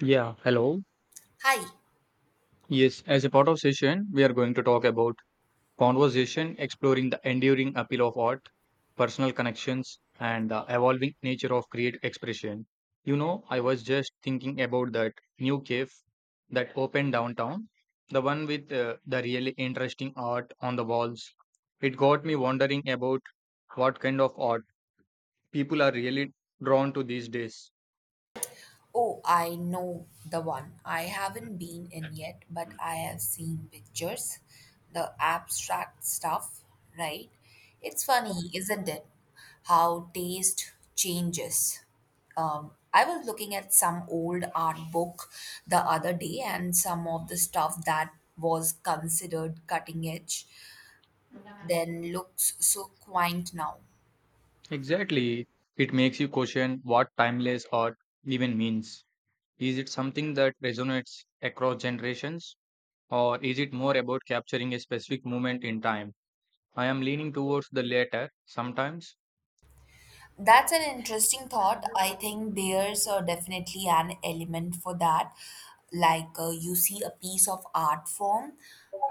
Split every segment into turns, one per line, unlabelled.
Yeah, hello.
Hi.
Yes, as a part of session, we are going to talk about conversation, exploring the enduring appeal of art, personal connections, and the evolving nature of creative expression. You know, I was just thinking about that new cafe that opened downtown, the one with the really interesting art on the walls. It got me wondering about what kind of art people are really drawn to these days.
Oh, I know the one. I haven't been in yet, but I have seen pictures. The abstract stuff, right? It's funny, isn't it? How taste changes. I was looking at some old art book the other day, and some of the stuff that was considered cutting edge then looks so quaint now.
Exactly. It makes you question what timeless art even means. Is it something that resonates across generations, or is it more about capturing a specific moment in time? I am leaning towards the latter sometimes.
That's an interesting thought. I think there's definitely an element for that. Like you see a piece of art form,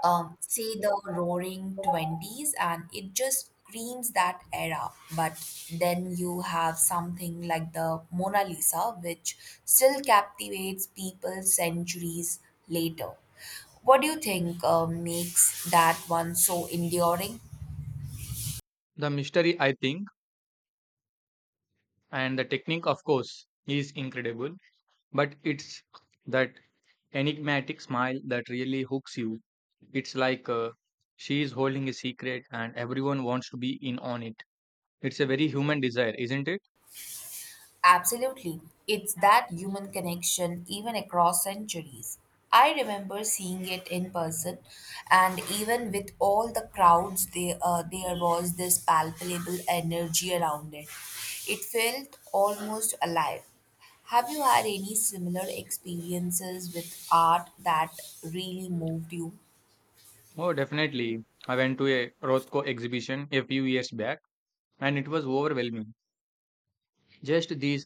say the roaring 20s, and it just screams that era. But then you have something like the Mona Lisa, which still captivates people centuries later. What do you think makes that one so enduring?
The mystery, I think, and the technique, of course, is incredible, but it's that enigmatic smile that really hooks you. It's like she is holding a secret and everyone wants to be in on it. It's a very human desire, isn't it?
Absolutely. It's that human connection even across centuries. I remember seeing it in person, and even with all the crowds, there was this palpable energy around it. It felt almost alive. Have you had any similar experiences with art that really moved you?
Oh, definitely. I went to a Rothko exhibition a few years back and it was overwhelming. Just these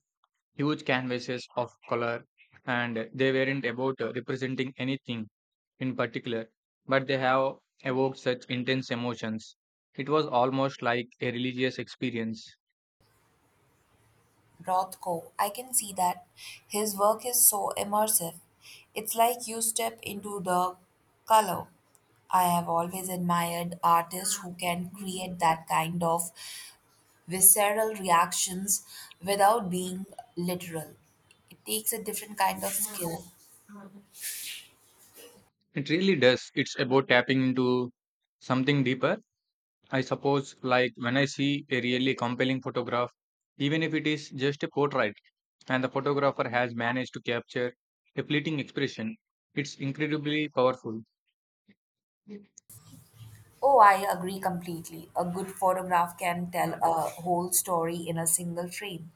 huge canvases of color, and they weren't about representing anything in particular, but they have evoked such intense emotions. It was almost like a religious experience.
Rothko, I can see that. His work is so immersive. It's like you step into the color. I have always admired artists who can create that kind of visceral reactions without being literal. It takes a different kind of skill.
It really does. It's about tapping into something deeper. I suppose, like when I see a really compelling photograph, even if it is just a portrait, and the photographer has managed to capture a fleeting expression, it's incredibly powerful.
Oh, I agree completely. A good photograph can tell a whole story in a single frame.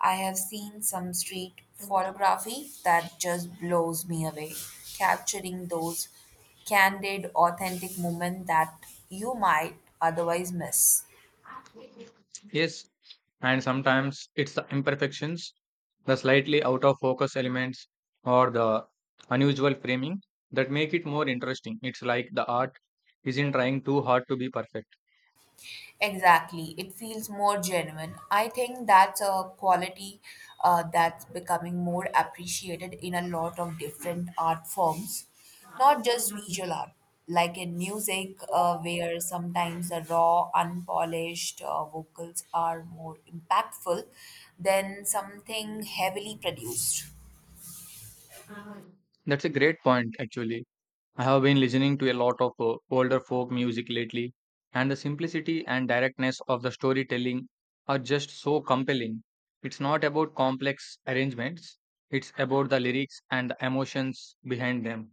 I have seen some street photography that just blows me away, capturing those candid, authentic moments that you might otherwise miss.
Yes, and sometimes it's the imperfections, the slightly out of focus elements, or the unusual framing that make it more interesting. It's like the art isn't trying too hard to be perfect.
Exactly. It feels more genuine. I think that's a quality that's becoming more appreciated in a lot of different art forms, not just visual art, like in music, where sometimes the raw, unpolished vocals are more impactful than something heavily produced.
That's a great point, actually. I have been listening to a lot of older folk music lately, and the simplicity and directness of the storytelling are just so compelling. It's not about complex arrangements, it's about the lyrics and the emotions behind them.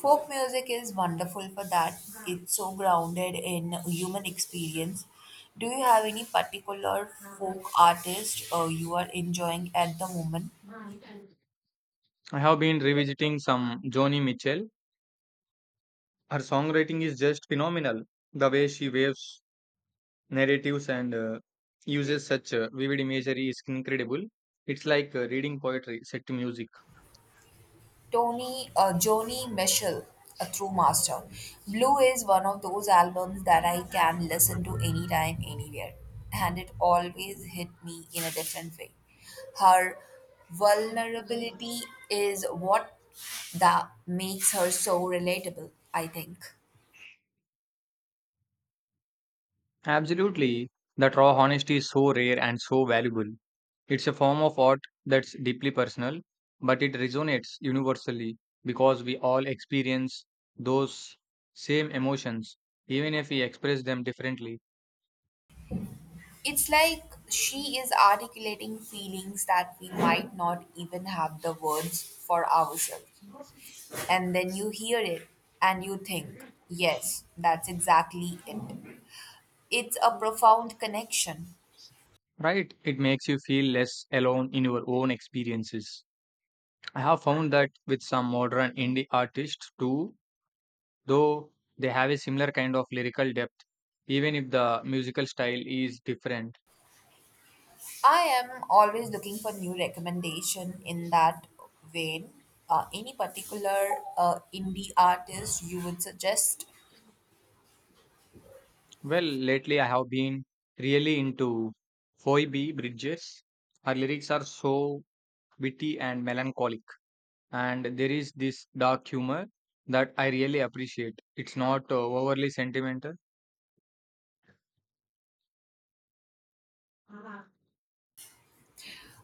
Folk music is wonderful for that. It's so grounded in human experience. Do you have any particular folk artist you are enjoying at the moment?
I have been revisiting some Joni Mitchell. Her songwriting is just phenomenal. The way she waves narratives and uses such vivid imagery is incredible. It's like reading poetry set to music.
Tony, Joni Mitchell, a true master. Blue is one of those albums that I can listen to anytime, anywhere, and it always hit me in a different way. Her vulnerability is what that makes her so relatable, I think.
Absolutely. That raw honesty is so rare and so valuable. It's a form of art that's deeply personal, but it resonates universally because we all experience those same emotions, even if we express them differently.
It's like she is articulating feelings that we might not even have the words for ourselves. And then you hear it and you think, yes, that's exactly it. It's a profound connection.
Right? It makes you feel less alone in your own experiences. I have found that with some modern indie artists too, though they have a similar kind of lyrical depth, even if the musical style is different.
I am always looking for new recommendation in that vein. Any particular indie artist you would suggest?
Well, lately I have been really into Phoebe Bridges. Her lyrics are so witty and melancholic, and there is this dark humor that I really appreciate. It's not overly sentimental.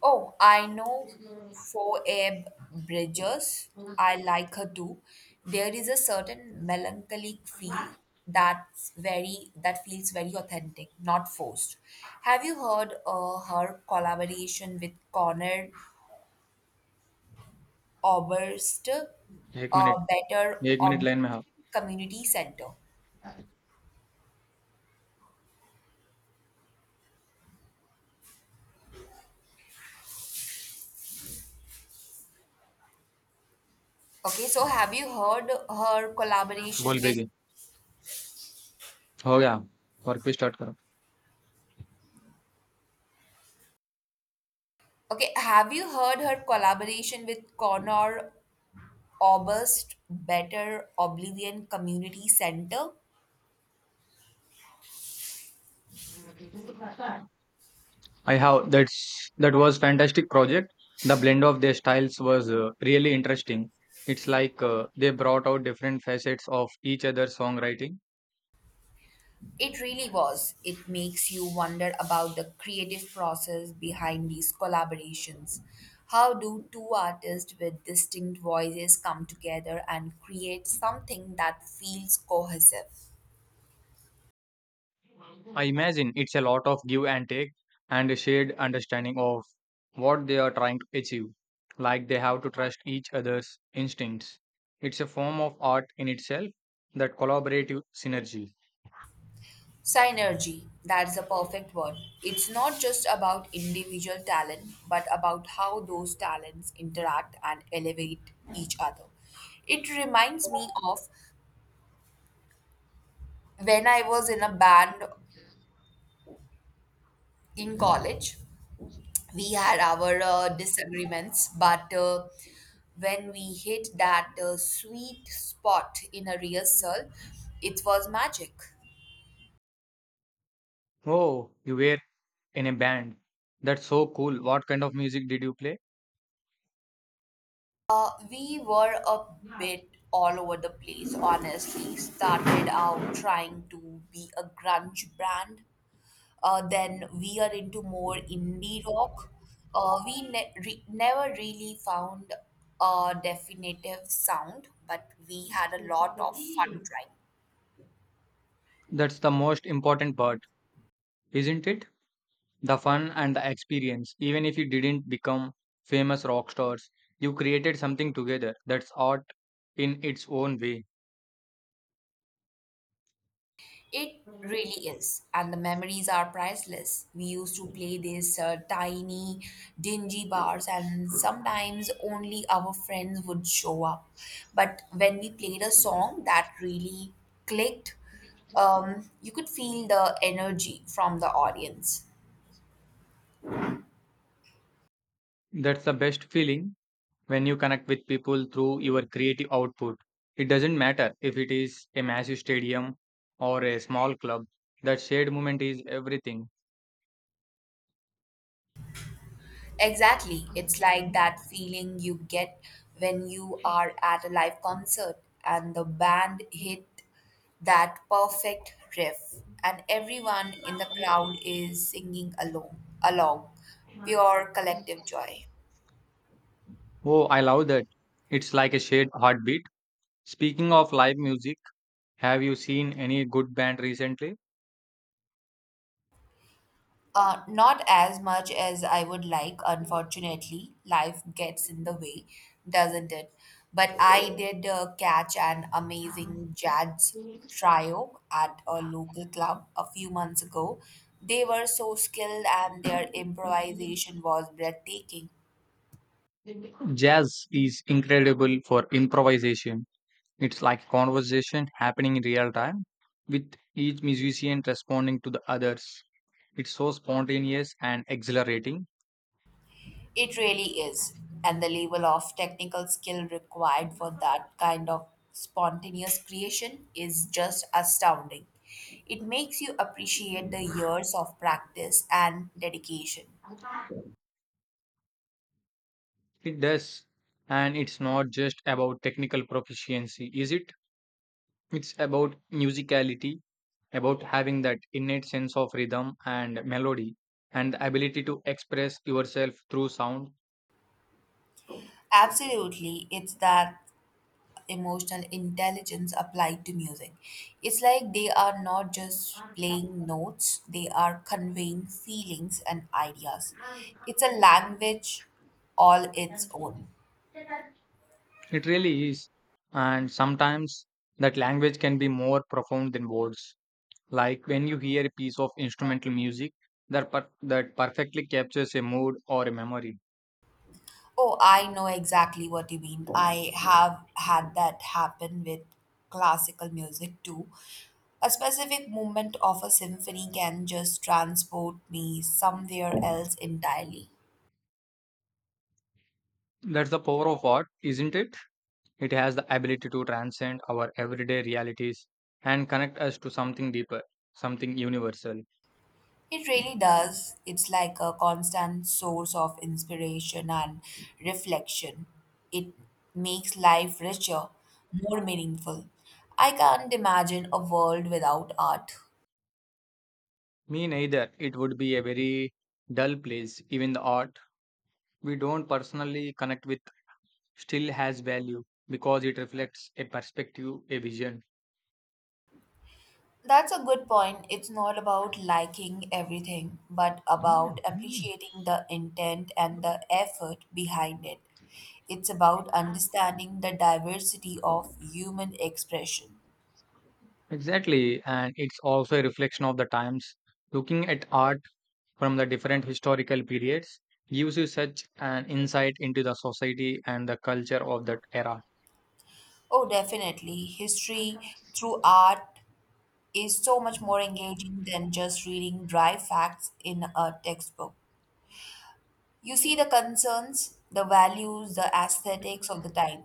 Oh, I know for Abe Bridges. I like her too. There is a certain melancholic feel that feels very authentic, not forced. Have you heard her collaboration with Conrad Oberst,
एक minute
Better
एक minute
Obligation
line में हाँ
Community Center? Okay, so have you heard her collaboration
बोल
with
बेगी हो गया work पे start करो.
Okay, have you heard her collaboration with Conor August Better Oblivion Community Center.
I have, that was fantastic project. The blend of their styles was really interesting. It's like they brought out different facets of each other's songwriting.
It really was. It makes you wonder about the creative process behind these collaborations. How do two artists with distinct voices come together and create something that feels cohesive?
I imagine it's a lot of give and take and a shared understanding of what they are trying to achieve. Like they have to trust each other's instincts. It's a form of art in itself, that collaborative synergy.
Synergy, that's the perfect word. It's not just about individual talent, but about how those talents interact and elevate each other. It reminds me of when I was in a band in college, we had our disagreements, but when we hit that sweet spot in a rehearsal, it was magic.
Oh, you were in a band. That's so cool. What kind of music did you play?
We were a bit all over the place, honestly. Started out trying to be a grunge band, then we are into more indie rock. We never really found a definitive sound, but we had a lot of fun trying.
That's the most important part, isn't it? The fun and the experience. Even if you didn't become famous rock stars, you created something together that's art in its own way.
It really is, and the memories are priceless. We used to play these tiny, dingy bars, and sometimes only our friends would show up. But when we played a song that really clicked, you could feel the energy from the audience.
That's the best feeling when you connect with people through your creative output. It doesn't matter if it is a massive stadium or a small club, that shared moment is everything.
Exactly. It's like that feeling you get when you are at a live concert and the band hit that perfect riff and everyone in the crowd is singing along. Pure collective joy.
Oh, I love that. It's like a shared heartbeat. Speaking of live music, have you seen any good band recently?
Not as much as I would like, unfortunately. Life gets in the way, doesn't it? But I did catch an amazing jazz trio at a local club a few months ago. They were so skilled and their improvisation was breathtaking.
Jazz is incredible for improvisation. It's like conversation happening in real time, with each musician responding to the others. It's so spontaneous and exhilarating.
It really is. And the level of technical skill required for that kind of spontaneous creation is just astounding. It makes you appreciate the years of practice and dedication.
It does. And it's not just about technical proficiency, is it? It's about musicality, about having that innate sense of rhythm and melody, and the ability to express yourself through sound.
Absolutely, it's that emotional intelligence applied to music. It's like they are not just playing notes, they are conveying feelings and ideas. It's a language all its own.
It really is. And sometimes that language can be more profound than words. Like when you hear a piece of instrumental music that perfectly captures a mood or a memory.
Oh, I know exactly what you mean. I have had that happen with classical music too. A specific movement of a symphony can just transport me somewhere else entirely.
That's the power of art, isn't it? It has the ability to transcend our everyday realities and connect us to something deeper, something universal.
It really does. It's like a constant source of inspiration and reflection. It makes life richer, more meaningful. I can't imagine a world without art.
Me neither. It would be a very dull place. Even the art we don't personally connect with still has value because it reflects a perspective, a vision.
That's a good point. It's not about liking everything, but about appreciating the intent and the effort behind it. It's about understanding the diversity of human expression.
Exactly, and it's also a reflection of the times. Looking at art from the different historical periods gives you such an insight into the society and the culture of that era.
Oh, definitely. History through art is so much more engaging than just reading dry facts in a textbook. You see the concerns, the values, the aesthetics of the time.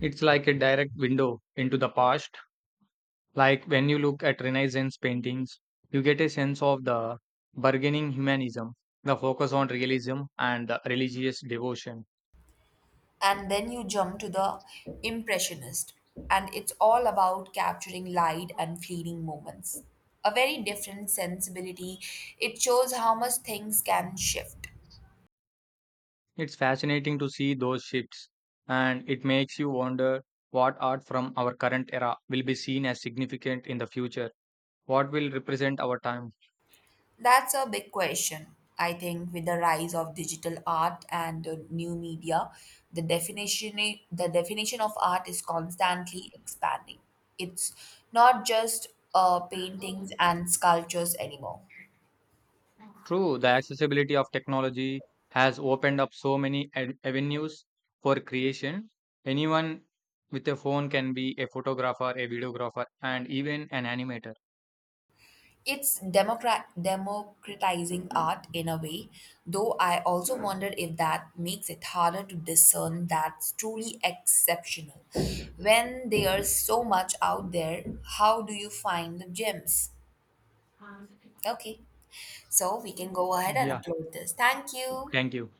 It's like a direct window into the past. Like when you look at Renaissance paintings, you get a sense of the bargaining humanism, the focus on realism, and the religious devotion.
And then you jump to the impressionist, and it's all about capturing light and fleeting moments, a very different sensibility. It shows how much things can shift.
It's fascinating to see those shifts, and it makes you wonder what art from our current era will be seen as significant in the future. What will represent our time?
That's a big question. I think with the rise of digital art and new media, the definition the definition of art is constantly expanding. It's not just paintings and sculptures anymore.
True, the accessibility of technology has opened up so many avenues for creation. Anyone with a phone can be a photographer, a videographer, and even an animator.
It's democratizing art in a way, though I also wonder if that makes it harder to discern that's truly exceptional. When there's so much out there, how do you find the gems? Okay, so we can go ahead and
Yeah,
upload this. Thank you.
thank you.